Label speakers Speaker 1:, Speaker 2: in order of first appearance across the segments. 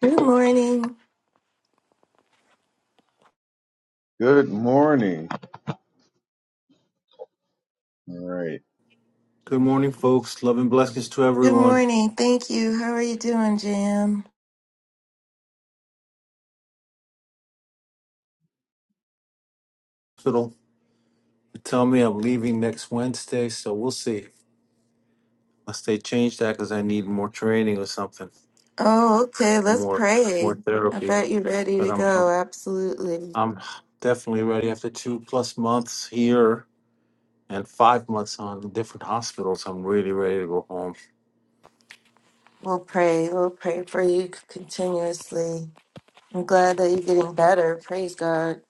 Speaker 1: Good morning.
Speaker 2: Good morning. All right.
Speaker 3: Good morning, folks. Love and blessings to
Speaker 1: Good
Speaker 3: everyone.
Speaker 1: morning. Thank you. How are you doing, Jam?
Speaker 3: Fiddle, tell me I'm leaving next Wednesday, so we'll see. Unless they change that because I need more training or something,
Speaker 1: Oh, okay. Let's
Speaker 3: more more
Speaker 1: pray. I
Speaker 3: therapy.
Speaker 1: bet you're ready
Speaker 3: But
Speaker 1: to
Speaker 3: I'm
Speaker 1: go.
Speaker 3: I'm,
Speaker 1: Absolutely.
Speaker 3: I'm definitely ready after two plus months here and five months on different hospitals. I'm really ready to go home.
Speaker 1: We'll pray. We'll pray for you continuously. I'm glad that you're getting better. Praise God.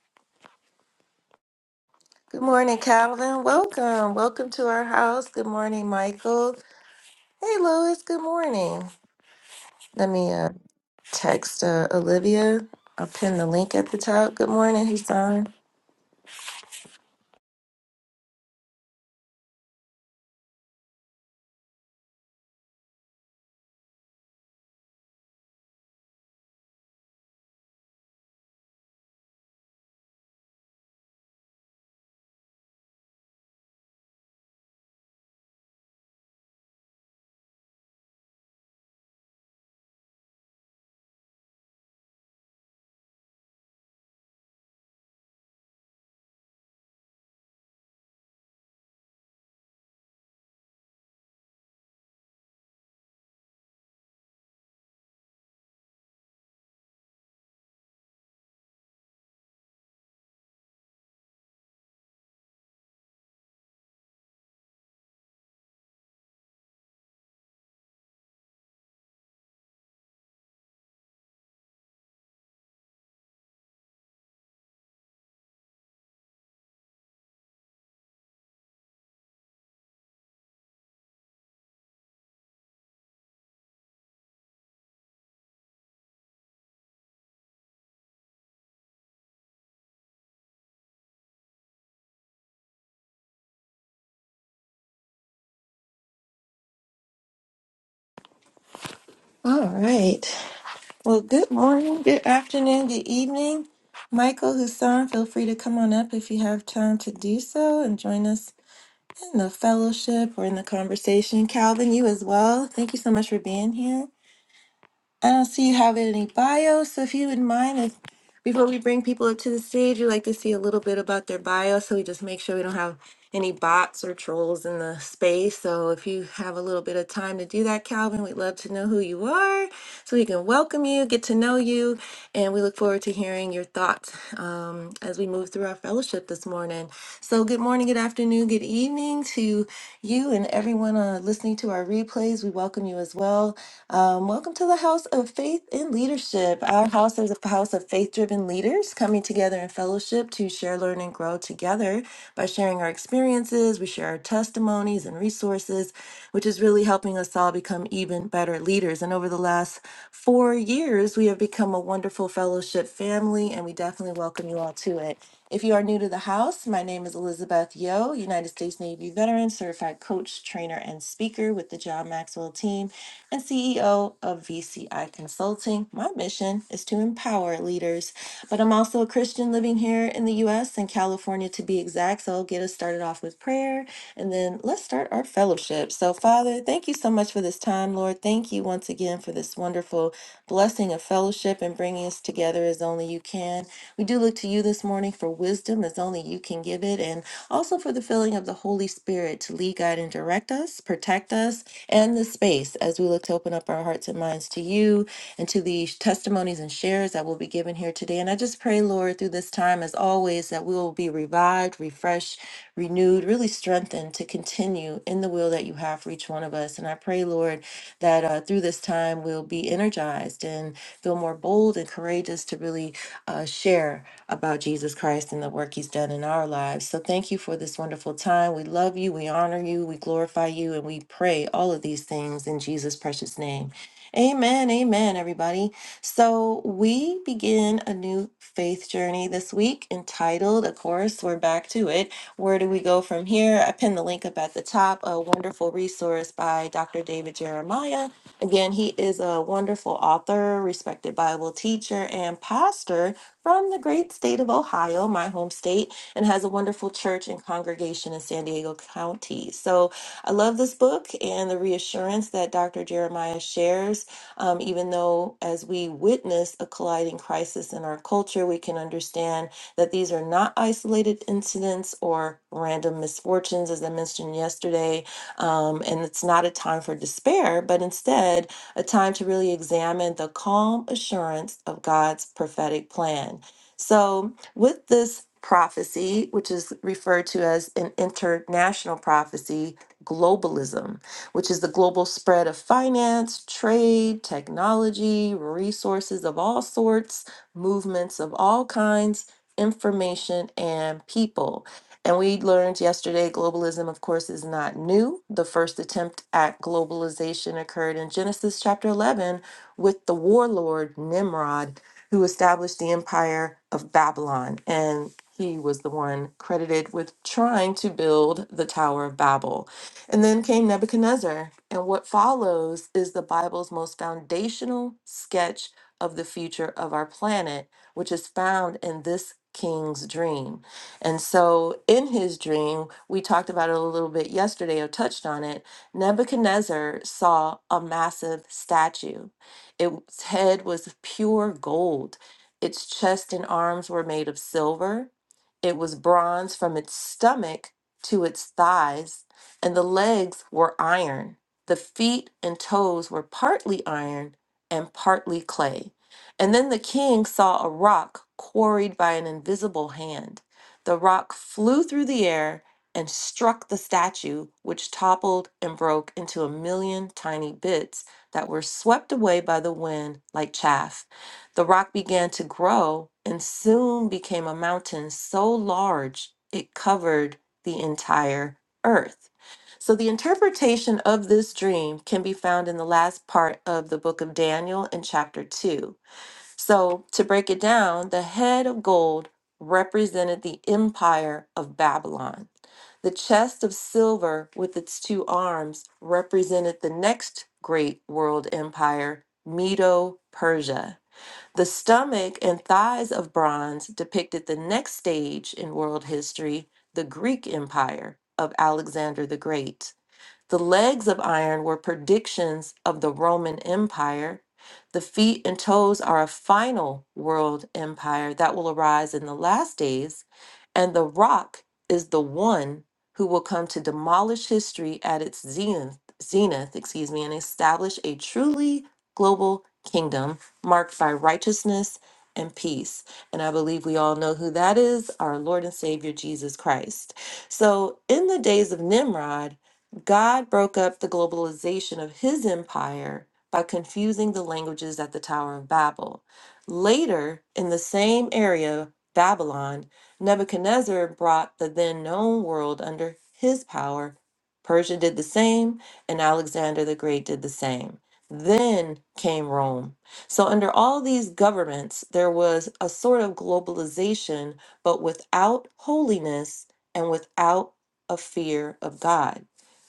Speaker 1: Good morning, Calvin. Welcome. Welcome to our house. Good morning, Michael. Hey, Lois. Good morning. Let me uh, text uh, Olivia. I'll pin the link at the top. Good morning, Hassan. All right. Well, good morning, good afternoon, good evening. Michael Hussein, feel free to come on up if you have time to do so and join us in the fellowship or in the conversation. Calvin, you as well. Thank you so much for being here. I don't see you have any bio, so if you wouldn't mind, if before we bring people up to the stage, we'd like to see a little bit about their bio, so we just make sure we don't have any bots or trolls in the space. So if you have a little bit of time to do that, Calvin, we'd love to know who you are, so we can welcome you, get to know you, and we look forward to hearing your thoughts um, as we move through our fellowship this morning. So good morning, good afternoon, good evening to you and everyone uh, listening to our replays. We welcome you as well. Um, welcome to the House of Faith and Leadership. Our house is a house of faith driven leaders coming together in fellowship to share, learn, and grow together by sharing our experiences. We share our testimonies and resources, which is really helping us all become even better leaders. And over the last four years, we have become a wonderful fellowship family, and we definitely welcome you all to it. If you are new to the house, my name is Elizabeth Yo, United States Navy veteran, certified coach, trainer, and speaker with the John Maxwell team and CEO of VCI Consulting. My mission is to empower leaders, but I'm also a Christian living here in the US and California to be exact. So I'll get us started off with prayer and then let's start our our fellowship. So, Father, thank you so much for this time, Lord. Thank you once again for this wonderful blessing of fellowship and bringing us together as only you can. We do look to you this morning for wisdom as only you can give it, and also for the filling of the Holy Spirit to lead, guide, and direct us, protect us, and the space as we look to open up our hearts and minds to you and to the testimonies and shares that will be given here today. And I just pray, Lord, through this time, as always, that we will be revived, refreshed, renewed, really strengthened to continue in the will that you have for each one of us. And I pray, Lord, that uh, through this time we'll be energized and feel more bold and courageous to really uh, share about Jesus Christ and the work he's done in our lives. So thank you for this wonderful time. We love you, we honor you, we glorify you, and we pray all of these things in Jesus' precious name. Amen. Amen, everybody. So we begin a new faith journey this week entitled, of course, we're back to it where do we go from here? I pinned the link up at the top. A wonderful resource by Dr. David Jeremiah. Again, he is a wonderful author, respected Bible teacher, and pastor from the great state of Ohio, my home state, and has a wonderful church and congregation in San Diego County. So I love this book and the reassurance that Dr. Jeremiah shares um, even though as we witness a colliding crisis in our culture, we can understand that these are not isolated incidents or random misfortunes, as I mentioned yesterday. Um, and it's not a time for despair, but instead a time to really examine the calm assurance of God's prophetic plan. So, with this prophecy, which is referred to as an international prophecy, globalism, which is the global spread of finance, trade, technology, resources of all sorts, movements of all kinds information, and people. And we learned yesterday globalism, of course, is not new. The first attempt at globalization occurred in Genesis chapter 11 with the warlord Nimrod, who established the empire of Babylon. And he was the one credited with trying to build the Tower of Babel. And then came Nebuchadnezzar. And what follows is the Bible's most foundational sketch of the future of our planet which is found in this king's dream. And so, in his dream, we talked about it a little bit yesterday or touched on it. Nebuchadnezzar saw a massive statue. Its head was of pure gold, its chest and arms were made of silver, it was bronze from its stomach to its thighs, and the legs were iron. The feet and toes were partly iron and partly clay. And then the king saw a rock quarried by an invisible hand. The rock flew through the air and struck the statue, which toppled and broke into a million tiny bits that were swept away by the wind like chaff. The rock began to grow and soon became a mountain so large it covered the entire earth. So, the interpretation of this dream can be found in the last part of the book of Daniel in chapter 2. So, to break it down, the head of gold represented the empire of Babylon. The chest of silver with its two arms represented the next great world empire, Medo Persia. The stomach and thighs of bronze depicted the next stage in world history, the Greek Empire of Alexander the Great. The legs of iron were predictions of the Roman Empire. The feet and toes are a final world empire that will arise in the last days. And the rock is the one who will come to demolish history at its zenith, zenith excuse me, and establish a truly global kingdom marked by righteousness and peace. And I believe we all know who that is our Lord and Savior Jesus Christ. So, in the days of Nimrod, God broke up the globalization of his empire by confusing the languages at the Tower of Babel. Later, in the same area, Babylon, Nebuchadnezzar brought the then known world under his power. Persia did the same, and Alexander the Great did the same. Then came Rome. So, under all these governments, there was a sort of globalization, but without holiness and without a fear of God.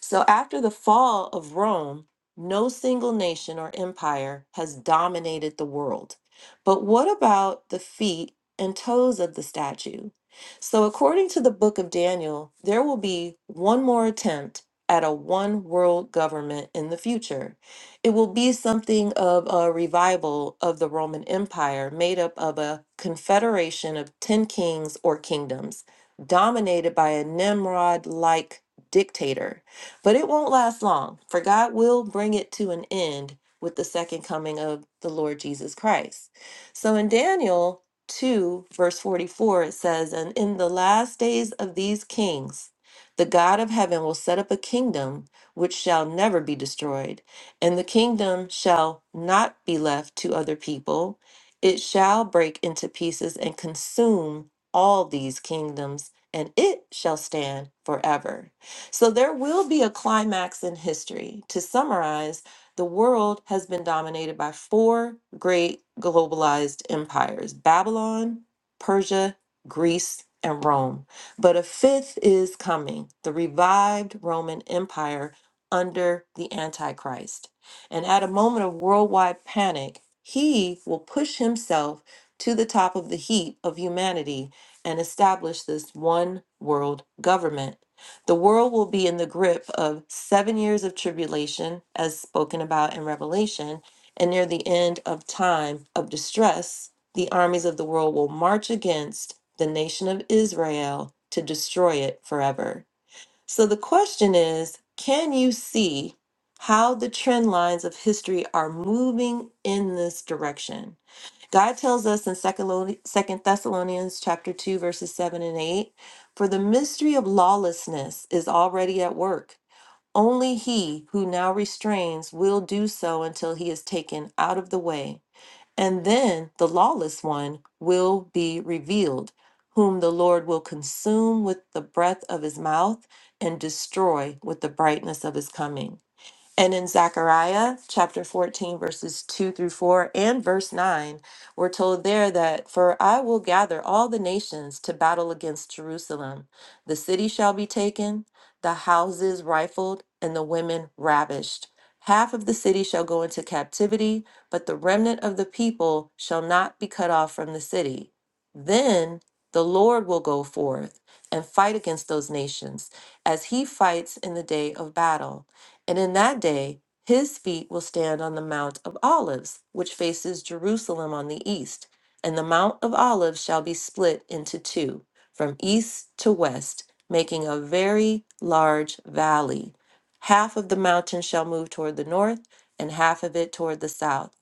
Speaker 1: So after the fall of Rome, no single nation or empire has dominated the world. But what about the feet and toes of the statue? So, according to the book of Daniel, there will be one more attempt at a one world government in the future. It will be something of a revival of the Roman Empire made up of a confederation of 10 kings or kingdoms, dominated by a Nimrod like dictator but it won't last long, for God will bring it to an end with the second coming of the Lord Jesus Christ. So in Daniel 2, verse 44, it says, And in the last days of these kings, the God of heaven will set up a kingdom which shall never be destroyed, and the kingdom shall not be left to other people. It shall break into pieces and consume all these kingdoms, and it shall stand forever. So there will be a climax in history. To summarize, the world has been dominated by four great globalized empires Babylon, Persia, Greece, and Rome. But a fifth is coming the revived Roman Empire under the Antichrist. And at a moment of worldwide panic, he will push himself to the top of the heap of humanity and establish this one world government the world will be in the grip of seven years of tribulation, as spoken about in Revelation, and near the end of time of distress, the armies of the world will march against the nation of Israel to destroy it forever. So the question is can you see how the trend lines of history are moving in this direction? God tells us in Second Thessalonians chapter 2 verses 7 and 8, for the mystery of lawlessness is already at work. Only he who now restrains will do so until he is taken out of the way, and then the lawless one will be revealed, whom the Lord will consume with the breath of his mouth and destroy with the brightness of his coming. And in Zechariah chapter 14, verses 2 through 4 and verse 9, we're told there that, For I will gather all the nations to battle against Jerusalem. The city shall be taken, the houses rifled, and the women ravished. Half of the city shall go into captivity, but the remnant of the people shall not be cut off from the city. Then the Lord will go forth and fight against those nations as he fights in the day of battle. And in that day, his feet will stand on the Mount of Olives, which faces Jerusalem on the east. And the Mount of Olives shall be split into two, from east to west, making a very large valley. Half of the mountain shall move toward the north, and half of it toward the south.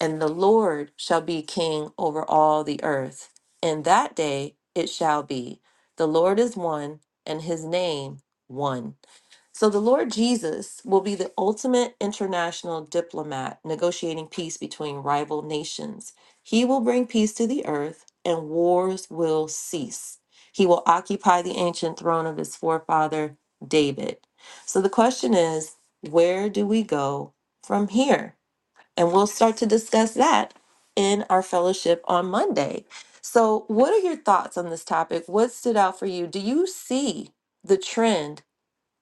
Speaker 1: And the Lord shall be king over all the earth. In that day it shall be the Lord is one, and his name one so the Lord Jesus will be the ultimate international diplomat negotiating peace between rival nations. He will bring peace to the earth and wars will cease. He will occupy the ancient throne of his forefather David. So the question is, where do we go from here? And we'll start to discuss that in our fellowship on Monday. So, what are your thoughts on this topic? What stood out for you? Do you see the trend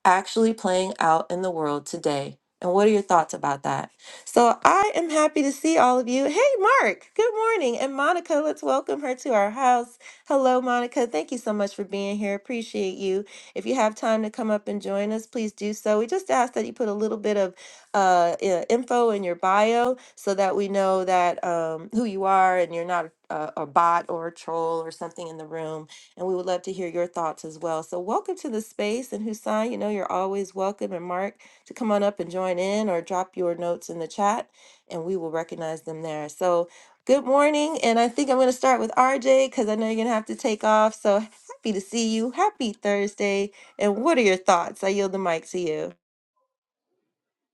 Speaker 1: actually playing out in the world today. And what are your thoughts about that? So I am happy to see all of you. Hey, Mark, good morning. And Monica, let's welcome her to our house. Hello, Monica. Thank you so much for being here. Appreciate you. If you have time to come up and join us, please do so. We just ask that you put a little bit of uh, i- info in your bio so that we know that um, who you are and you're not a, a bot or a troll or something in the room and we would love to hear your thoughts as well. So, welcome to the space. And Hussein, you know, you're always welcome, and Mark, to come on up and join in or drop your notes in the chat, and we will recognize them there. So, good morning. And I think I'm going to start with RJ because I know you're going to have to take off. So, happy to see you. Happy Thursday. And what are your thoughts? I yield the mic to you.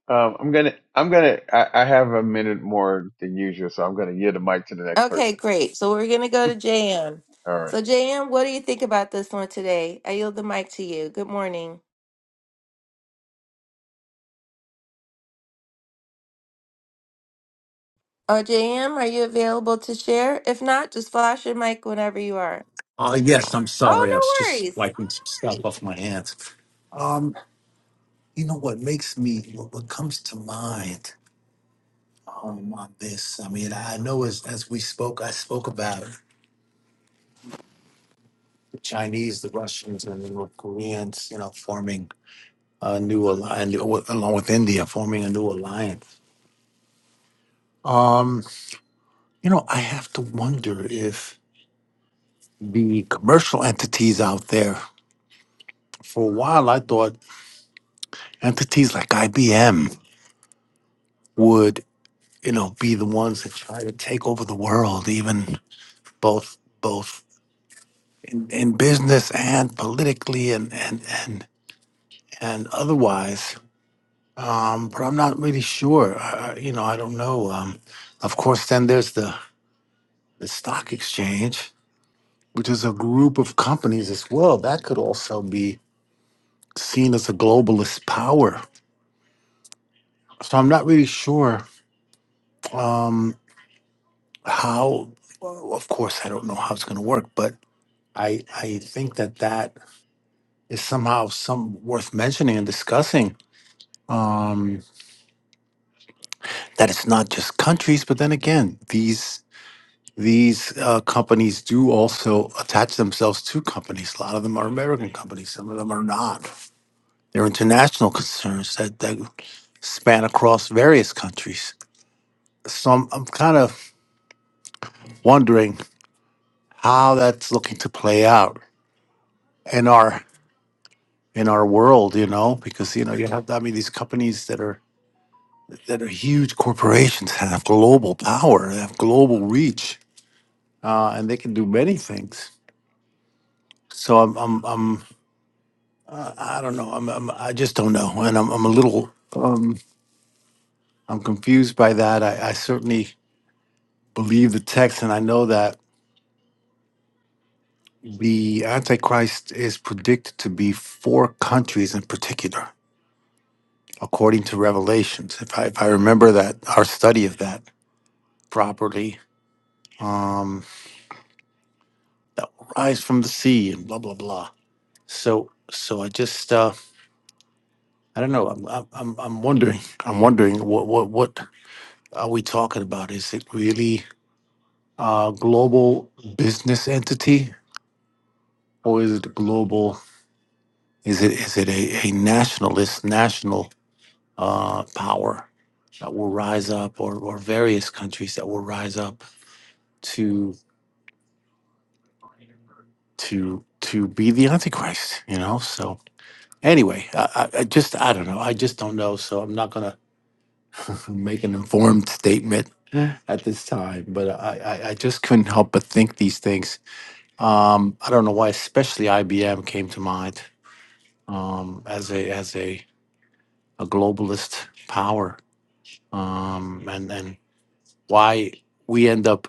Speaker 2: Um, I'm gonna, I'm gonna, I, I have a minute more than usual, so I'm gonna yield the mic to the next
Speaker 1: Okay,
Speaker 2: person.
Speaker 1: great. So, we're going to go to JM.
Speaker 2: All
Speaker 1: So, JM, what do you think about this one today? I yield the mic to you. Good morning. Oh, JM, are you available to share? If not, just flash your mic whenever you are.
Speaker 3: Oh yes, I'm sorry. I was
Speaker 1: Oh, no
Speaker 3: just
Speaker 1: worries.
Speaker 3: wiping some stuff off my hands. Um, you know what makes me what what comes to mind um, on this. I mean, I know as, as we spoke, I spoke about the Chinese, the Russians, and the North Koreans, you know, forming a new alliance, along with India, forming a new alliance. Um, you know, I have to wonder if the commercial entities out there, for a while, I thought entities like IBM would, you know, be the ones that try to take over the world, even both both in, in business and politically and and and and otherwise. Um, but I'm not really sure. I, you know, I don't know. Um, of course, then there's the the stock exchange, which is a group of companies as well. That could also be seen as a globalist power. So I'm not really sure um, how. well, Of course, I don't know how it's going to work, but I I think that that is somehow some worth mentioning and discussing. Um, that it's not just countries, but then again, these These uh, companies do also attach themselves to companies. A lot of them are American companies. Some of them are not. They're international concerns that, that span across various countries. So I'm, I'm kind of wondering how that's looking to play out in our in our world, you know, because you know you have I mean these companies that are that are huge corporations and have global power, they have global reach, uh, and they can do many things. So I'm I'm I'm Uh, I don't know. I'm, I'm I just don't know, and I'm I'm a little um I'm confused by that. I, I certainly believe the text, and I know that the Antichrist is predicted to be four countries in particular, according to Revelations. If I if I remember that our study of that properly, um, that will rise from the sea and blah blah blah. So so I just uh I don't know. I'm I'm I'm I'm wondering. I'm wondering what what what are we talking about? Is it really? uh, global business entity, or is it global? Is it is it a, a nationalist national uh, power that will rise up, or or various countries that will rise up to to to be the Antichrist? You know. So anyway, I, I I just I don't know. I just don't know. So I'm not gonna make an informed statement at this time. But I I, I just couldn't help but think these things. Um, I don't know why, especially IBM came to mind um, as a as a, a globalist power, um, and and why we end up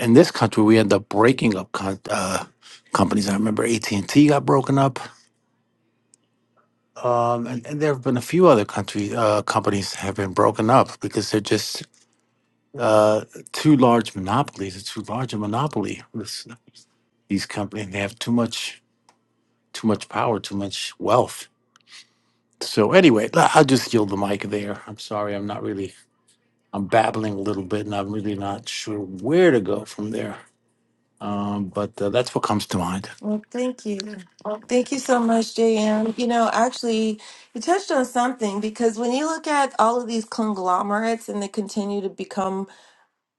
Speaker 3: in this country we end up breaking up con- uh, companies. I remember AT and T got broken up, um, and, and there have been a few other country uh, companies have been broken up because they're just uh, too large monopolies. It's too large a monopoly. This, these companies they have too much too much power, too much wealth. So anyway, I- I'll just yield the mic there. I'm sorry, I'm not really I'm babbling a little bit and I'm really not sure where to go from there. Um, but uh, that's what comes to mind.
Speaker 1: Well, thank you. Thank you so much, JM. You know, actually, you touched on something because when you look at all of these conglomerates and they continue to become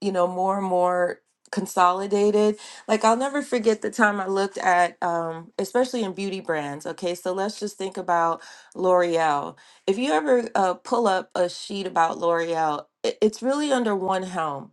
Speaker 1: you know, more and more consolidated. Like I'll never forget the time I looked at um especially in beauty brands, okay? So let's just think about L'Oreal. If you ever uh, pull up a sheet about L'Oreal, it, it's really under one helm.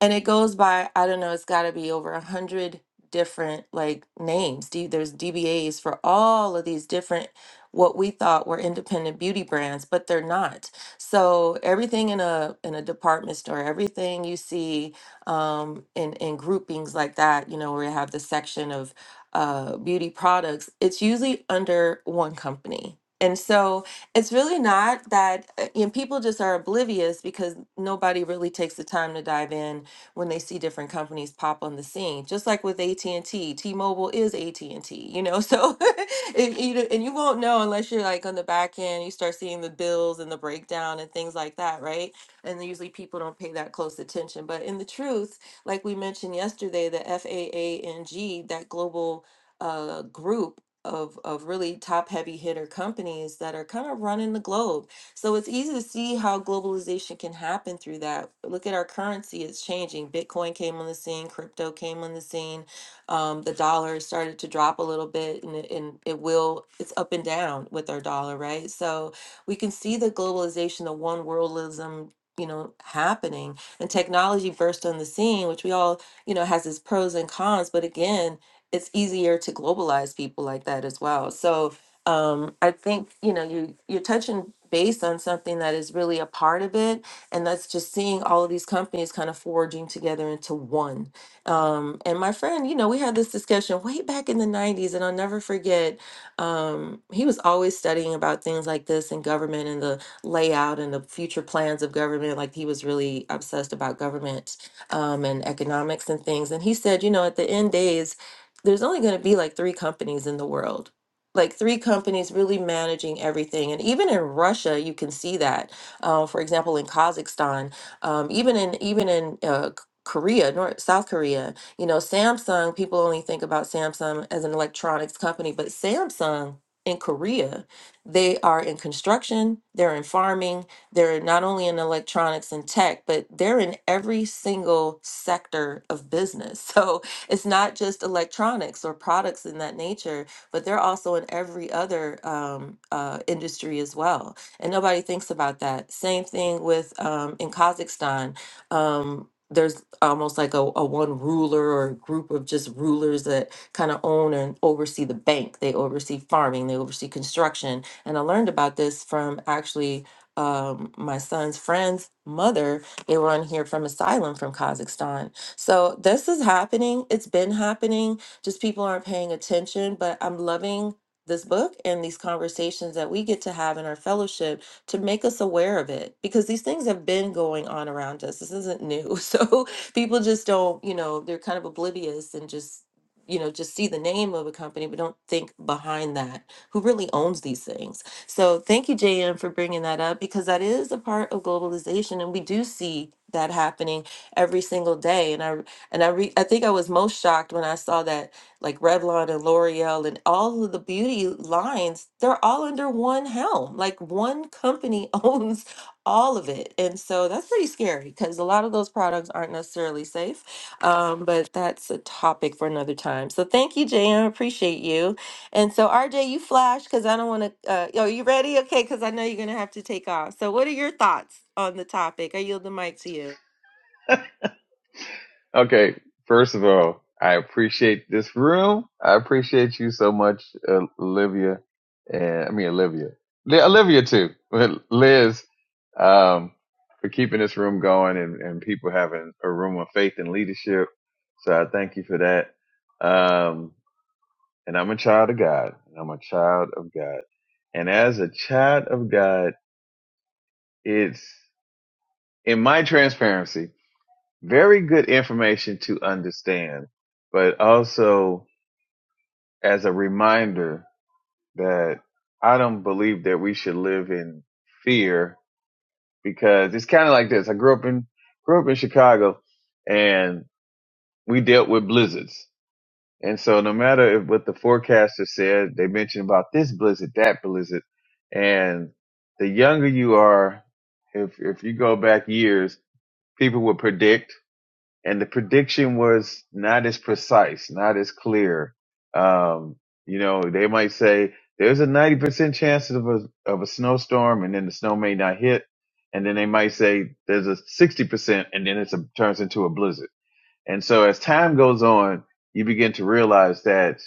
Speaker 1: And it goes by I don't know, it's got to be over a 100 different like names. D, there's DBAs for all of these different what we thought were independent beauty brands, but they're not so everything in a in a department store, everything you see um, in in groupings like that, you know, where you have the section of uh, beauty products, it's usually under one company. And so it's really not that, uh, and people just are oblivious because nobody really takes the time to dive in when they see different companies pop on the scene. Just like with AT&T, T-Mobile is AT&T, you know. So and, you and you won't know unless you're like on the back end, you start seeing the bills and the breakdown and things like that, right? And then usually people don't pay that close attention. But in the truth, like we mentioned yesterday, the FAANG, that global uh, group of of really top heavy hitter companies that are kind of running the globe so it's easy to see how globalization can happen through that. Look at our currency, it's changing. Bitcoin came on the scene, crypto came on the scene. Um, the dollar started to drop a little bit and it, and it will, it's up and down with our dollar, right? So we can see the globalization, the one worldism, you know, happening and technology burst on the scene, which we all, you know, has its pros and cons. But again, it's easier to globalize people like that as well. So, um, I think you know you you're touching base on something that is really a part of it, and that's just seeing all of these companies kind of forging together into one. Um, and my friend, you know, we had this discussion way back in the '90s, and I'll never forget. Um, he was always studying about things like this and government and the layout and the future plans of government. Like he was really obsessed about government um, and economics and things. And he said, you know, at the end days. There's only going to be like three companies in the world like three companies really managing everything. And even in Russia, you can see that. Uh, for example, in Kazakhstan, um, even in even in uh, K- Korea, North, South Korea, you know, Samsung. People only think about Samsung as an electronics company, but Samsung in Korea, they are in construction, they're in farming, they're not only in electronics and tech, but they're in every single sector of business. So it's not just electronics or products in that nature but they're also in every other um, uh, industry as well. And nobody thinks about that. Same thing with um, in Kazakhstan. Um, there's almost like a, a one ruler or a group of just rulers that kind of own and oversee the bank. They oversee farming, they oversee construction. And I learned about this from actually um, my son's friend's mother. They were on here from asylum from Kazakhstan. So this is happening. It's been happening just people aren't paying attention. But I'm loving this book and these conversations that we get to have in our fellowship to make us aware of it because these things have been going on around us. This isn't new. So people just don't, you know, they're kind of oblivious and just, you know, just see the name of a company, but don't think behind that who really owns these things. So thank you, JM, for bringing that up because that is a part of globalization, and we do see that happening every single day. And I and I re- I think I was most shocked when I saw that like Revlon and L'Oreal and all of the beauty lines, they're all under one helm. Like one company owns all of it. And so that's pretty scary because a lot of those products aren't necessarily safe. Um, but that's a topic for another time. So thank you, JM. Appreciate you. And so, RJ, you flash because I don't want to. Uh, are you ready? Okay, because I know you're going to have to take off. So, what are your thoughts on the topic? I yield the mic to you.
Speaker 2: right. Okay. First of all, I appreciate this room. I appreciate you so much, uh, Olivia, and I mean Olivia, Li- Olivia too, but Liz, um, for keeping this room going and, and people having a room of faith and leadership. So I thank you for that. Um, and I'm a child of God, and I'm a child of God. And as a child of God, it's, in my transparency, very good information to understand, but also as a reminder that I don't believe that we should live in fear because it's kind of like this. I grew up in, grew up in Chicago and we dealt with blizzards And so, no matter if what the forecaster said, they mentioned about this blizzard, that blizzard, and the younger you are, if if you go back years, people would predict, and the prediction was not as precise, not as clear. Um, you know, they might say there's a ninety percent chance of a of a snowstorm, and then the snow may not hit, and then they might say there's a sixty percent, and then it turns into a blizzard. And so, as time goes on, you begin to realize that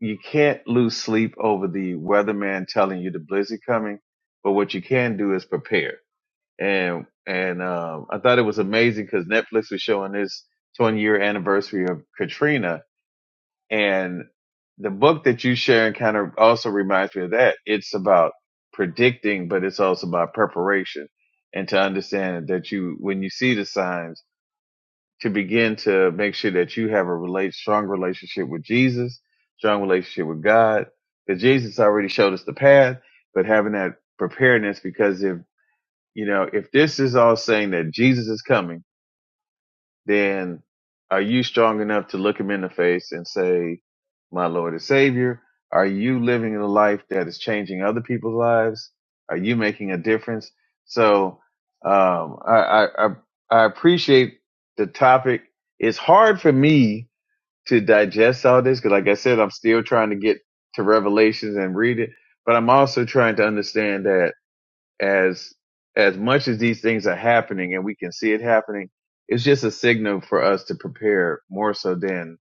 Speaker 2: you can't lose sleep over the weatherman telling you the blizzard coming, but what you can do is prepare. And and um, I thought it was amazing because Netflix was showing this 20 year anniversary of Katrina, and the book that you sharing kind of also reminds me of that. It's about predicting, but it's also about preparation and to understand that you when you see the signs to begin to make sure that you have a relate strong relationship with Jesus, strong relationship with God. Because Jesus already showed us the path, but having that preparedness because if you know, if this is all saying that Jesus is coming then are you strong enough to look him in the face and say, My Lord and Savior? Are you living a life that is changing other people's lives? Are you making a difference? So um, I, I, I I appreciate the topic. It's hard for me to digest all this because, like I said, I'm still trying to get to Revelations and read it, but I'm also trying to understand that as as much as these things are happening and we can see it happening, it's just a signal for us to prepare more so than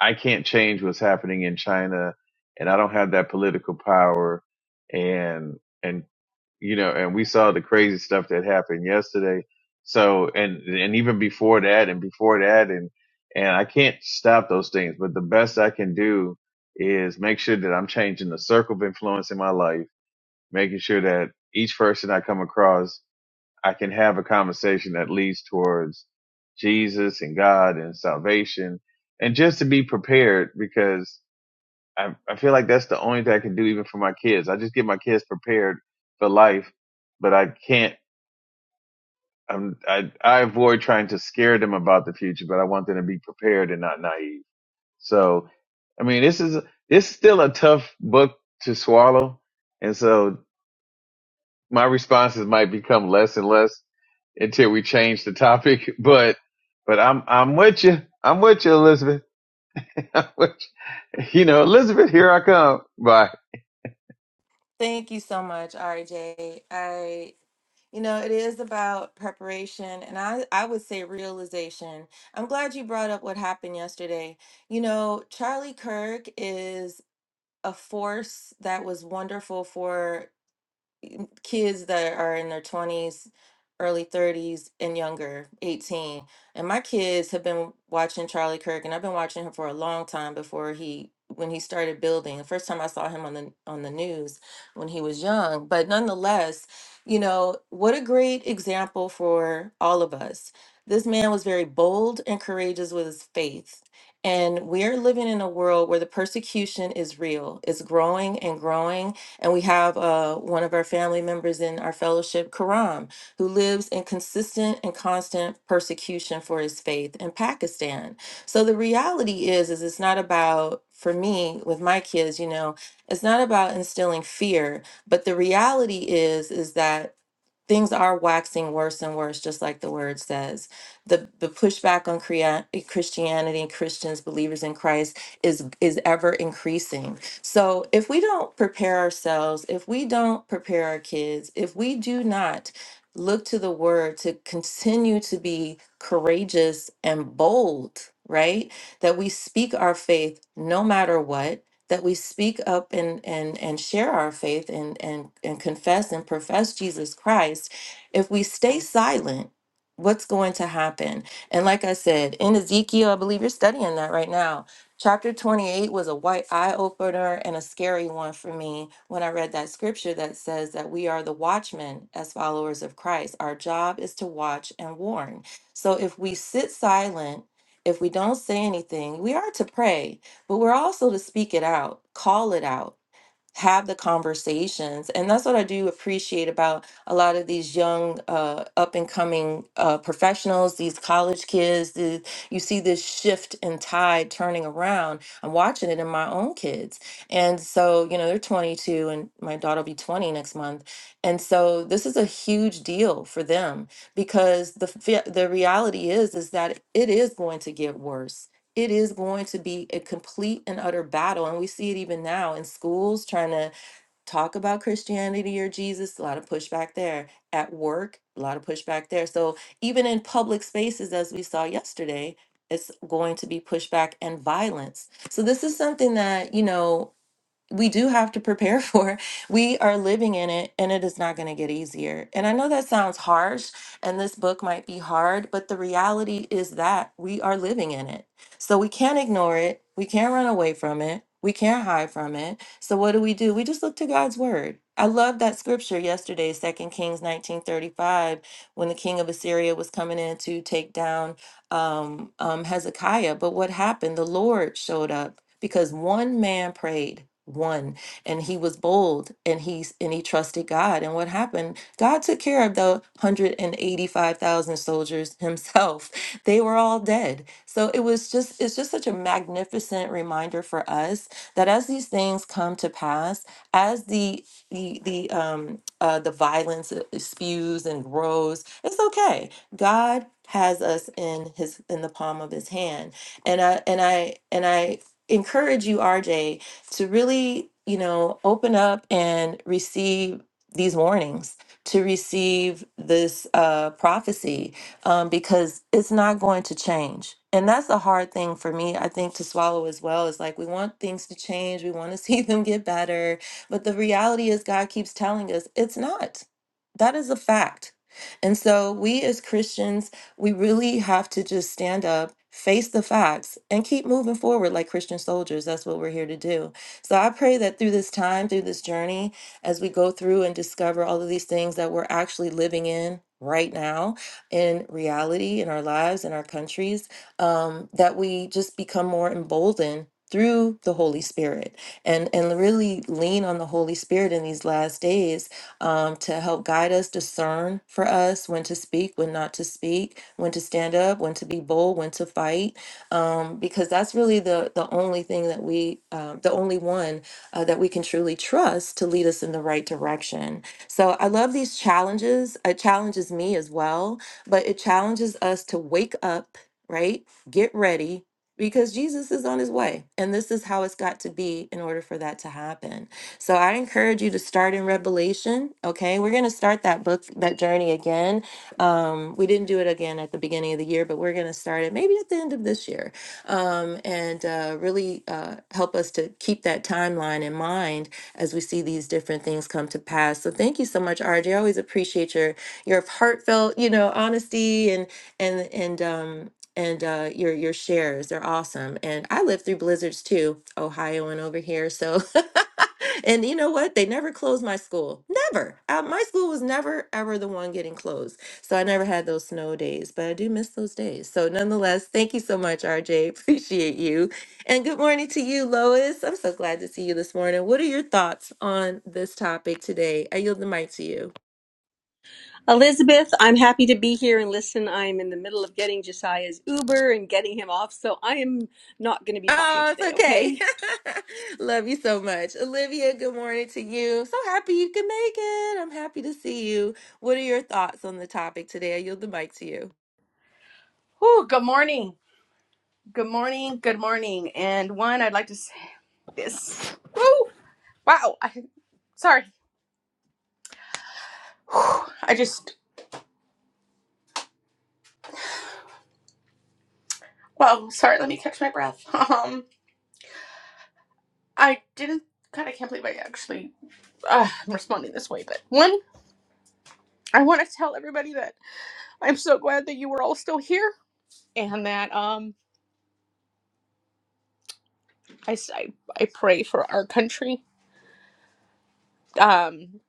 Speaker 2: I can't change what's happening in China and I don't have that political power and and you know and we saw the crazy stuff that happened yesterday. So and and even before that and before that and and I can't stop those things, but the best I can do is make sure that I'm changing the circle of influence in my life making sure that each person I come across, I can have a conversation that leads towards Jesus and God and salvation, and just to be prepared because I, I feel like that's the only thing I can do even for my kids. I just get my kids prepared for life, but I can't. I'm, I I avoid trying to scare them about the future, but I want them to be prepared and not naive. So, I mean, this is this is still a tough book to swallow, and so my responses might become less and less until we change the topic. But but I'm I'm with you. I'm with you, Elizabeth. I'm with you. you know, Elizabeth, here I come. Bye.
Speaker 1: Thank you so much, RJ. I You know, it is about preparation and I, I would say realization. I'm glad you brought up what happened yesterday. You know, Charlie Kirk is a force that was wonderful for kids that are in their 20s, early 30s, and younger, 18. And my kids have been watching Charlie Kirk, and I've been watching him for a long time before he when he started building. The first time I saw him on the on the news when he was young, but nonetheless, you know, what a great example for all of us. This man was very bold and courageous with his faith. And we are living in a world where the persecution is real. It's growing and growing and we have uh, one of our family members in our fellowship, Karam, who lives in consistent and constant persecution for his faith in Pakistan. So the reality is, is it's not about for me with my kids, you know, it's not about instilling fear, but the reality is, is that things are waxing worse and worse, just like the word says. The the pushback on Crea- Christianity and Christians, believers in Christ, is is ever increasing so if we don't prepare ourselves, if we don't prepare our kids, if we do not look to the word to continue to be courageous and bold, right? That we speak our faith no matter what that we speak up and and and share our faith and and and confess and profess Jesus Christ if we stay silent what's going to happen and like i said in ezekiel i believe you're studying that right now Chapter 28 was a white eye opener and a scary one for me when I read that scripture that says that we are the watchmen as followers of Christ. Our job is to watch and warn. So if we sit silent, if we don't say anything, we are to pray, but we're also to speak it out, call it out have the conversations and that's what i do appreciate about a lot of these young uh, up and coming uh, professionals these college kids the, you see this shift and tide turning around i'm watching it in my own kids and so you know they're 22 and my daughter will be 20 next month and so this is a huge deal for them because the fe- the reality is is that it is going to get worse it is going to be a complete and utter battle. And we see it even now in schools trying to talk about Christianity or Jesus, a lot of pushback there. At work, a lot of pushback there. So even in public spaces, as we saw yesterday, it's going to be pushback and violence. So this is something that, you know, we do have to prepare for. We are living in it and it is not going to get easier. And I know that sounds harsh and this book might be hard, but the reality is that we are living in it. So we can't ignore it. We can't run away from it. We can't hide from it. So what do we do? We just look to God's word. I love that scripture yesterday, Second Kings 19:35, when the king of Assyria was coming in to take down um, um, Hezekiah. But what happened? The Lord showed up because one man prayed one and he was bold and he s- and he trusted God and what happened God took care of the 185,000 soldiers himself they were all dead so it was just it's just such a magnificent reminder for us that as these things come to pass as the the the um uh, the violence uh, spews and grows it's okay God has us in his in the palm of his hand. And I and I and I encourage you RJ to really, you know, open up and receive these warnings to receive this uh, prophecy um, because it's not going to change. And that's a hard thing for me, I think, to swallow as well. Is like we want things to change, we want to see them get better. But the reality is, God keeps telling us it's not. That is a fact and so we as Christians, we really have to just stand up, face the facts, and keep moving forward like Christian soldiers. That's what we're here to do. So I pray that through this time, through this journey, as we go through and discover all of these things that we're actually living in right now in reality in our lives in our countries um, that we just become more emboldened through the holy spirit and and really lean on the holy spirit in these last days um, to help guide us, discern for us when to speak, when not to speak, when to stand up, when to be bold, when to fight, um, because that's really the the only thing that we, um, the only one uh, that we can truly trust to lead us in the right direction. So I love these challenges. It challenges me as well, but it challenges us to wake up, right? Get ready because Jesus is on his way. And this is how it's got to be in order for that to happen. So I encourage you to start in Revelation. Okay, we're going to start that book, that journey again. Um, we didn't do it again at the beginning of the year, but we're going to start it maybe at the end of this year um, and uh, really uh, help us to keep that timeline in mind as we see these different things come to pass. So thank you so much, RJ. I always appreciate your your heartfelt, you know, honesty and and and um, and uh, your your shares. They're awesome. And I lived through blizzards too, Ohio and over here. So, and you know what? They never closed my school. Never. Uh, my school was never ever the one getting closed. So I never had those snow days, but I do miss those days. So nonetheless, thank you so much, RJ. Appreciate you. And good morning to you, Lois. I'm so glad to see you this morning. What are your thoughts on this topic today? I yield the mic to you.
Speaker 4: Elizabeth, I'm happy to be here and listen. I'm in the middle of getting Josiah's Uber and getting him off, so I am not going to be talking
Speaker 1: Oh, it's
Speaker 4: today,
Speaker 1: okay.
Speaker 4: okay?
Speaker 1: Love you so much. Olivia, good morning to you. So happy you can make it. I'm happy to see you. What are your thoughts on the topic today? I yield the mic to you.
Speaker 5: Whew, good morning. Good morning. Good morning. And one, I'd like to say this. Woo! Wow. I, sorry. Whew, I just, well, sorry. Let me catch my breath. Um, I didn't, God, I can't believe I actually, uh, I'm responding this way. But one, I want to tell everybody that I'm so glad that you were all still here and that, um, I, s- I, I pray for our country. Um,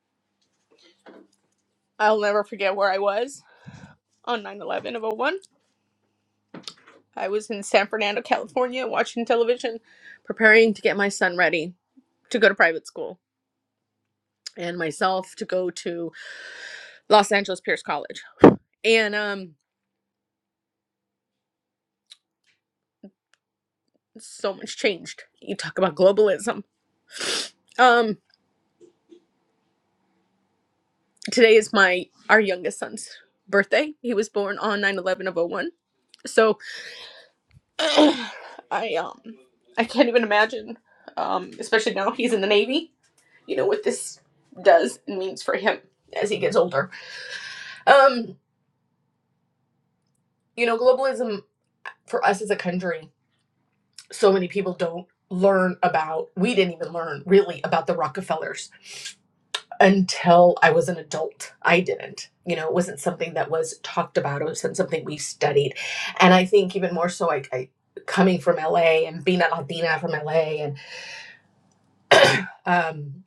Speaker 5: I'll never forget where I was on 9 11 of '01. I was in San Fernando, California, watching television, preparing to get my son ready to go to private school and myself to go to Los Angeles Pierce College. And um so much changed. You talk about globalism. Um today is my our youngest son's birthday. He was born on nine eleven of oh one. So I um I can't even imagine um especially now he's in the Navy, you know what this does and means for him as he gets older. Um you know globalism for us as a country, so many people don't learn about, we didn't even learn really about the Rockefellers until I was an adult. I didn't. You know, it wasn't something that was talked about, it wasn't something we studied. And I think even more so, I, I coming from LA and being a Latina from LA, and um,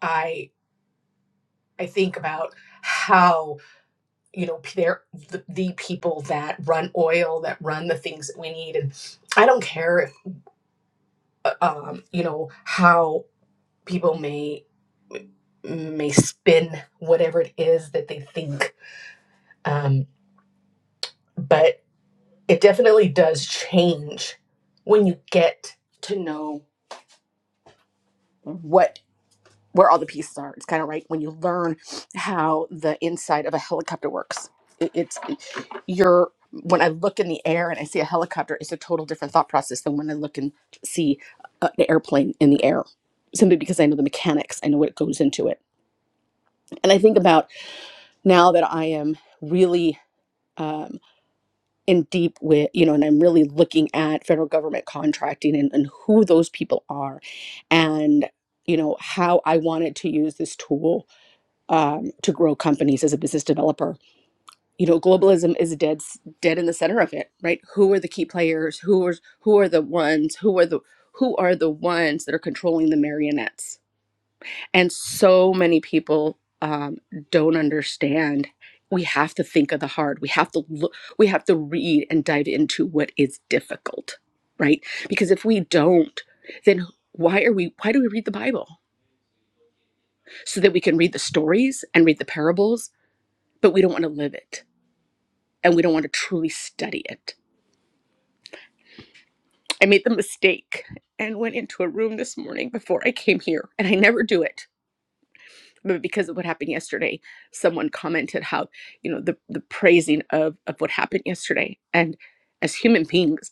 Speaker 5: I, I think about how you know they're the, the people that run oil that run the things that we need and i don't care if uh, um you know how people may may spin whatever it is that they think. Um, but it definitely does change when you get to know what where all the pieces are. It's kind of like when you learn how the inside of a helicopter works. It, it's your when I look in the air and I see a helicopter, it's a total different thought process than when I look and see uh, an airplane in the air. Simply because I know the mechanics, I know what goes into it. And I think about now that I am really um, in deep with you know and i'm really looking at federal government contracting and, and who those people are and you know how i wanted to use this tool um, to grow companies as a business developer you know globalism is dead s- dead in the center of it right who are the key players who are who are the ones who are the who are the ones that are controlling the marionettes and so many people um, don't understand. We have to think of the hard. We have to look, we have to read and dive into what is difficult, right? Because if we don't, then why are we why do we read the Bible? So that we can read the stories and read the parables, but we don't want to live it and we don't want to truly study it. I made the mistake and went into a room this morning before I came here, and I never do it but because of what happened yesterday, someone commented how you know the the praising of of what happened yesterday. And as human beings,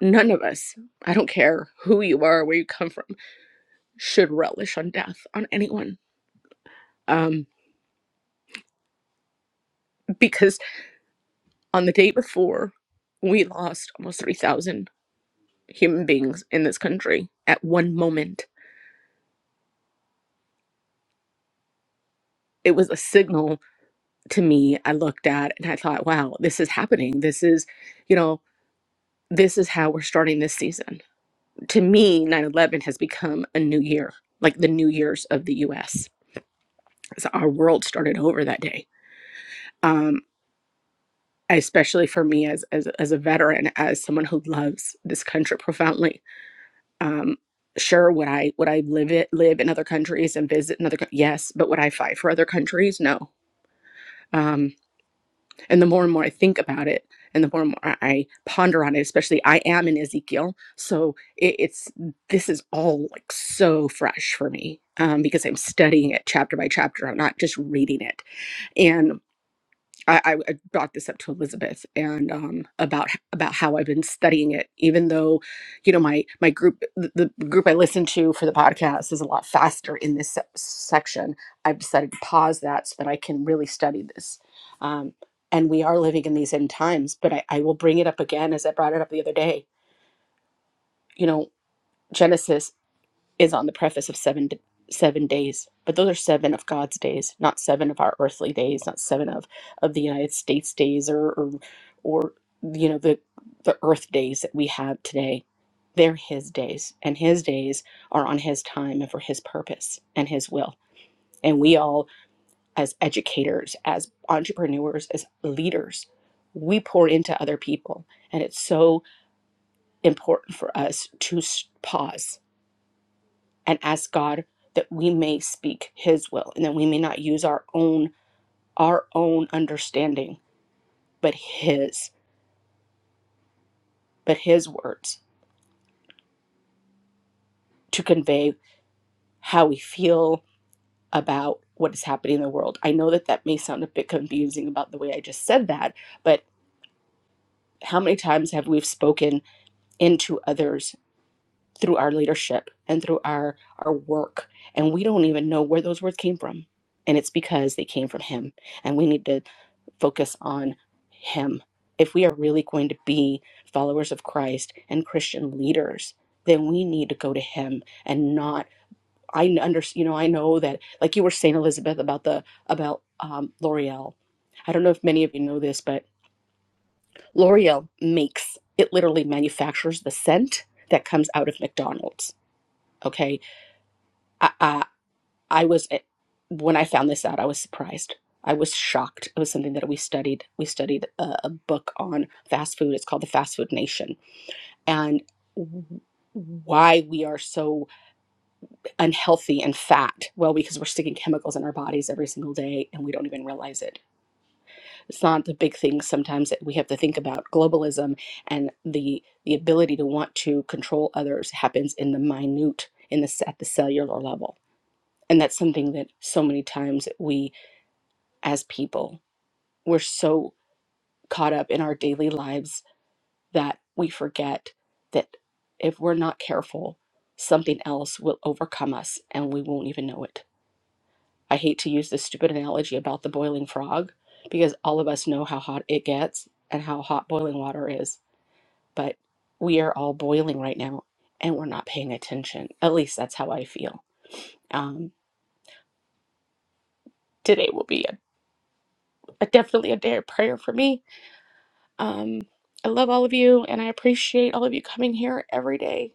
Speaker 5: none of us, I don't care who you are, where you come from, should relish on death on anyone. Um, because on the day before, we lost almost three thousand human beings in this country at one moment. It was a signal to me. I looked at and I thought, wow, this is happening. This is, you know, this is how we're starting this season to me, 9 11 has become a new year, like the New Year's of the US. So our world started over that day. Um, especially for me as, as, as a veteran, as someone who loves this country profoundly. Um, sure, would I would I live it live in other countries and visit another? co- Yes, but would I fight for other countries? No. Um, And the more and more I think about it, and the more and more I ponder on it, especially I am in Ezekiel, so it, it's this is all like so fresh for me um, because I'm studying it chapter by chapter. I'm not just reading it, and. I, I I brought this up to Elizabeth and um, about about how I've been studying it, even though, you know, my my group the, the group I listen to for the podcast is a lot faster in this se- section. I've decided to pause that so that I can really study this. Um, and we are living in these end times, but I, I will bring it up again as I brought it up the other day. You know, Genesis is on the preface of seven seven days but those are seven of god's days not seven of our earthly days not seven of of the united states days or or, or you know the the earth days that we have today they're his days and his days are on his time and for his purpose and his will and we all as educators as entrepreneurs as leaders we pour into other people and it's so important for us to s- pause and ask God that we may speak his will and that we may not use our own our own understanding but his but his words to convey how we feel about what is happening in the world. I know that that may sound a bit confusing about the way I just said that, but how many times have we spoken into others through our leadership and through our our work and we don't even know where those words came from and it's because they came from him and we need to focus on him if we are really going to be followers of Christ and Christian leaders then we need to go to him and not I under you know I know that like you were saying Elizabeth about the about um, L'Oreal I don't know if many of you know this but L'Oreal makes it literally manufactures the scent that comes out of McDonald's okay I, I, I was eh, when I found this out, I was surprised. I was shocked. It was something that we studied. We studied a, a book on fast food. It's called The Fast Food Nation, and w- why we are so unhealthy and fat. Well, because we're sticking chemicals in our bodies every single day, and we don't even realize it. It's not the big thing sometimes that we have to think about. Globalism and the the ability to want to control others happens in the minute, in the at the cellular level And that's something that so many times we, as people, we're so caught up in our daily lives that we forget that if we're not careful, something else will overcome us and we won't even know it. I hate to use this stupid analogy about the boiling frog because all of us know how hot it gets and how hot boiling water is, but we are all boiling right now and we're not paying attention. At least that's how I feel. Um, today will be a, a- definitely a day of prayer for me Um, I love all of you, and I appreciate all of you coming here every day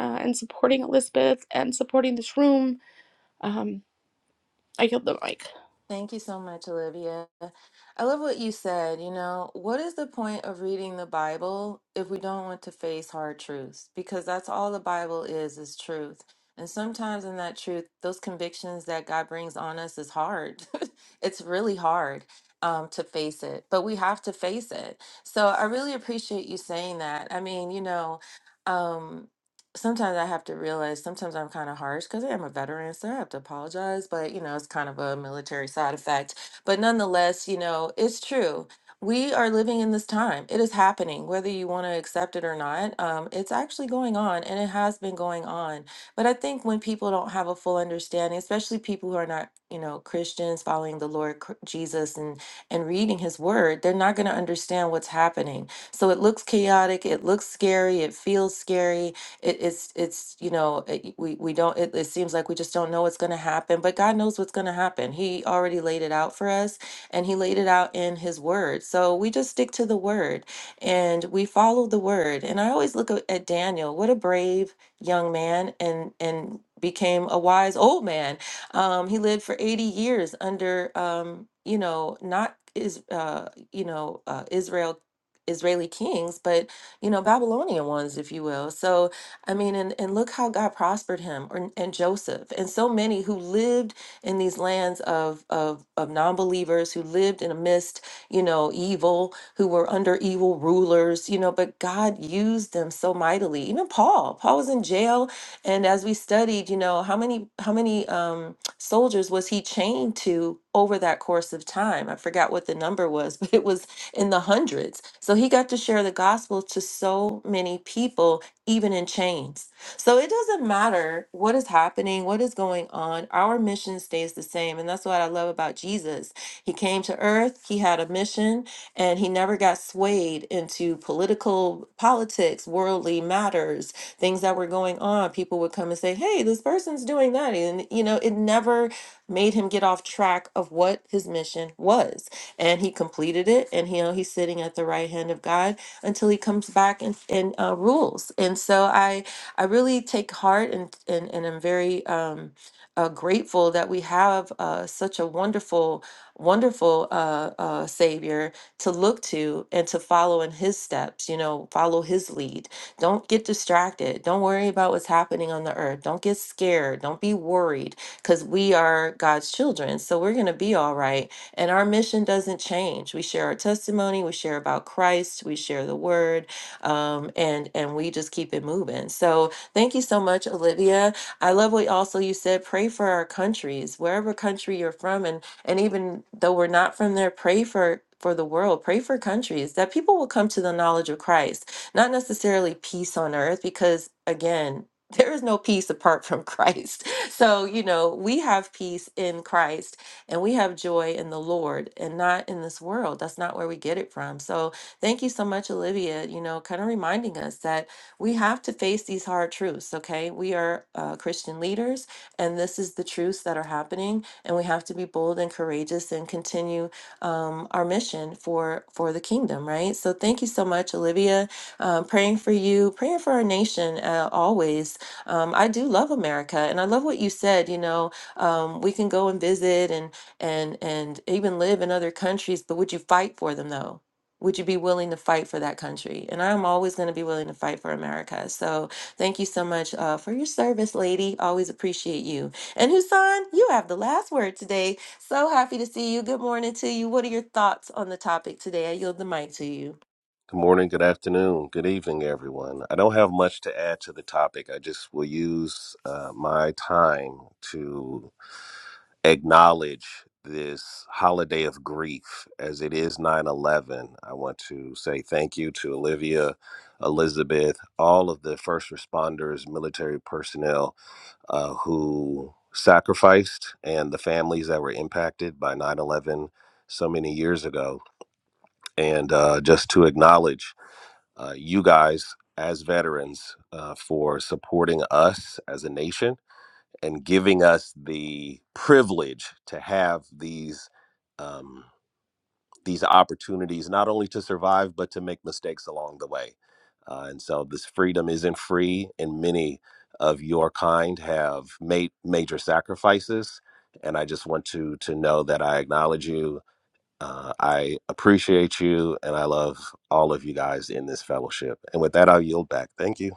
Speaker 5: uh, and supporting Elizabeth and supporting this room. Um, I yield the mic.
Speaker 1: Thank you so much, Olivia. I love what you said. You know, what is the point of reading the Bible if we don't want to face hard truths? Because that's all the Bible is, is truth. And sometimes in that truth, those convictions that God brings on us is hard. it's really hard um, to face it, but we have to face it. So I really appreciate you saying that. I mean, you know, um, sometimes I have to realize sometimes I'm kind of harsh because I am a veteran, so I have to apologize. But you know, it's kind of a military side effect. But nonetheless, you know, it's true. We are living in this time. It is happening, whether you want to accept it or not. Um, it's actually going on, and it has been going on. But I think when people don't have a full understanding, especially people who are not, you know, Christians following the Lord Cr- Jesus and and reading His Word, they're not going to understand what's happening. So it looks chaotic. It looks scary. It feels scary it, it's it's you know it, we we don't it, it seems like we just don't know what's going to happen but god knows what's going to happen he already laid it out for us and he laid it out in his word so we just stick to the word and we follow the word and i always look at at daniel what a brave young man and and became a wise old man um he lived for 80 years under um you know not is uh you know uh israel israeli kings but you know babylonian ones if you will so I mean, and, and look how God prospered him or, and Joseph and so many who lived in these lands of, of, of non-believers who lived in amidst, you know, evil, who were under evil rulers, you know, but God used them so mightily. Even Paul, Paul was in jail. And as we studied, you know, how many, how many, um, soldiers was he chained to over that course of time? I forgot what the number was, but it was in the hundreds. So he got to share the gospel to so many people even in chains. So it doesn't matter what is happening, what is going on, our mission stays the same. And that's what I love about Jesus. He came to earth, he had a mission, and he never got swayed into political politics, worldly matters, things that were going on. People would come and say, Hey, this person's doing that. And, you know, it never made him get off track of what his mission was. And he completed it, and, you know, he's sitting at the right hand of God until he comes back and, and uh, rules. And so I I really take heart and and, and I'm very um, uh, grateful that we have uh, such a wonderful wonderful uh, uh, Savior to look to and to follow in His steps. You know, follow His lead. Don't get distracted. Don't worry about what's happening on the earth. Don't get scared. Don't be worried because we are God's children. So we're going to be all right and our mission doesn't change. We share our testimony, we share about Christ, we share the word, um, and and we just keep it moving. So thank you so much, Olivia. I love what also you said. Pray for our countries, wherever country you're from, and and even though we're not from there, pray for for the world, pray for countries that people will come to the knowledge of Christ, not necessarily peace on earth, because again. There is no peace apart from Christ. So, you know, we have peace in Christ and we have joy in the Lord and not in this world. That's not where we get it from. So thank you so much, Olivia, you know, kind of reminding us that we have to face these hard truths, okay? We are uh, Christian leaders, and this is the truths that are happening, and we have to be bold and courageous and continue um, our mission for for the kingdom, right? So thank you so much, Olivia. Um, praying for you, praying for our nation uh, always. Um, I do love America, and I love what you said. You know, um, we can go and visit, and and and even live in other countries, but would you fight for them though? Would you be willing to fight for that country? And I'm always going to be willing to fight for America. So thank you so much uh, for your service, lady. Always appreciate you. And Husan, you have the last word today. So happy to see you. Good morning to you. What are your thoughts on the topic today? I yield the mic to you.
Speaker 6: Good morning, good afternoon, good evening, everyone. I don't have much to add to the topic. I just will use uh, my time to acknowledge this holiday of grief as it is 9 11. I want to say thank you to Olivia, Elizabeth, all of the first responders, military personnel uh, who sacrificed, and the families that were impacted by 9 11 so many years ago. And uh, just to acknowledge uh, you guys as veterans uh, for supporting us as a nation and giving us the privilege to have these um, these opportunities not only to survive but to make mistakes along the way. Uh, and so this freedom isn't free, and many of your kind have made major sacrifices. And I just want to to know that I acknowledge you uh, I appreciate you and I love all of you guys in this fellowship. And with that, I'll yield back. Thank you.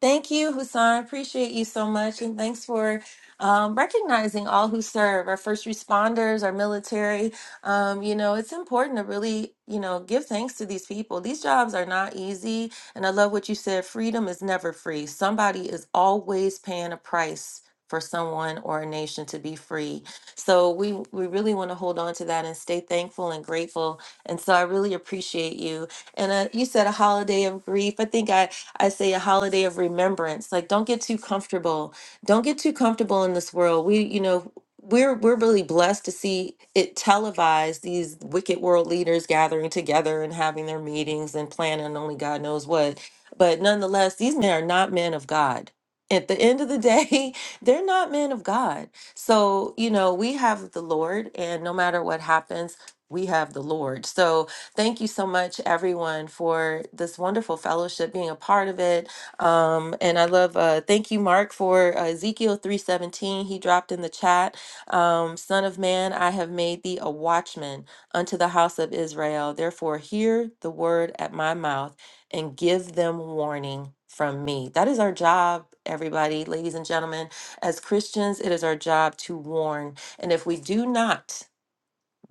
Speaker 1: Thank you, Husan. Appreciate you so much. And thanks for um, recognizing all who serve our first responders, our military. Um, you know, it's important to really, you know, give thanks to these people. These jobs are not easy. And I love what you said freedom is never free. Somebody is always paying a price for someone or a nation to be free. So we we really want to hold on to that and stay thankful and grateful. And so I really appreciate you. And uh, you said a holiday of grief. I think I I say a holiday of remembrance. Like, don't get too comfortable. Don't get too comfortable in this world. We, you know, we're we're really blessed to see it televised. These wicked world leaders gathering together and having their meetings and planning only God knows what. But nonetheless, these men are not men of God. At the end of the day, they're not men of God. So, you know, we have the Lord, and no matter what happens, we have the Lord. So, Thank you so much, everyone, for this wonderful fellowship, being a part of it. Um, and I love. Uh, thank you, Mark, for uh, Ezekiel three seventeen. He dropped in the chat, um, "Son of man, I have made thee a watchman unto the house of Israel. Therefore, hear the word at my mouth and give them warning." From me. That is our job, everybody, ladies and gentlemen. As Christians, it is our job to warn. And if we do not,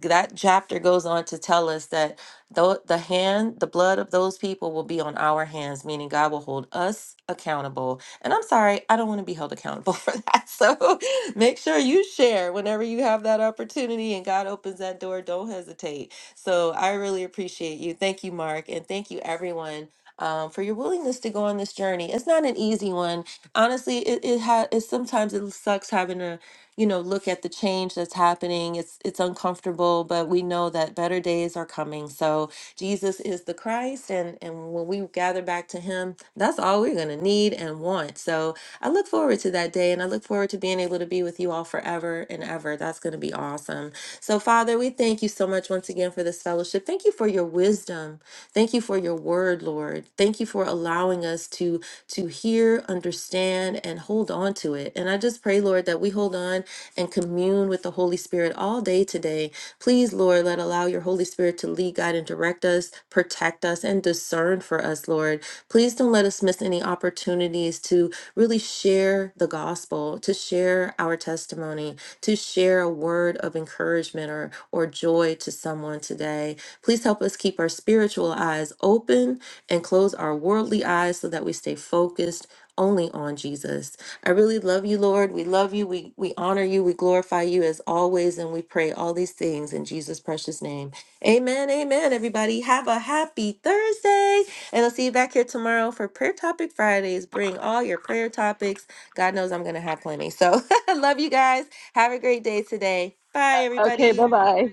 Speaker 1: that chapter goes on to tell us that the, the hand, the blood of those people will be on our hands, meaning God will hold us accountable. And I'm sorry, I don't want to be held accountable for that. So make sure you share whenever you have that opportunity and God opens that door. Don't hesitate. So I really appreciate you. Thank you, Mark. And thank you, everyone. Um, for your willingness to go on this journey, it's not an easy one. Honestly, it it, ha- it sometimes it sucks having to you know look at the change that's happening it's it's uncomfortable but we know that better days are coming so jesus is the christ and and when we gather back to him that's all we're going to need and want so i look forward to that day and i look forward to being able to be with you all forever and ever that's going to be awesome so father we thank you so much once again for this fellowship thank you for your wisdom Thank you for your word, Lord. Thank you for allowing us to to hear, understand, and hold on to it. And I just pray, Lord, that we hold on and commune with the Holy Spirit all day today Please, Lord, let allow your Holy Spirit to lead, guide, and direct us, protect us, and discern for us, Lord. Please don't let us miss any opportunities to really share the gospel, to share our testimony, to share a word of encouragement or, or joy to someone today. Please help us keep our spiritual eyes open and close our worldly eyes so that we stay focused only on Jesus. I really love you, Lord. We love you. We, we honor you. We glorify you as always. And we pray all these things in Jesus' precious name. Amen. Amen. Everybody, have a happy Thursday. And I'll see you back here tomorrow for Prayer Topic Fridays. Bring all your prayer topics. God knows I'm going to have plenty. So I love you guys. Have a great day today. Bye,
Speaker 4: Okay,
Speaker 1: everybody.
Speaker 4: bye bye.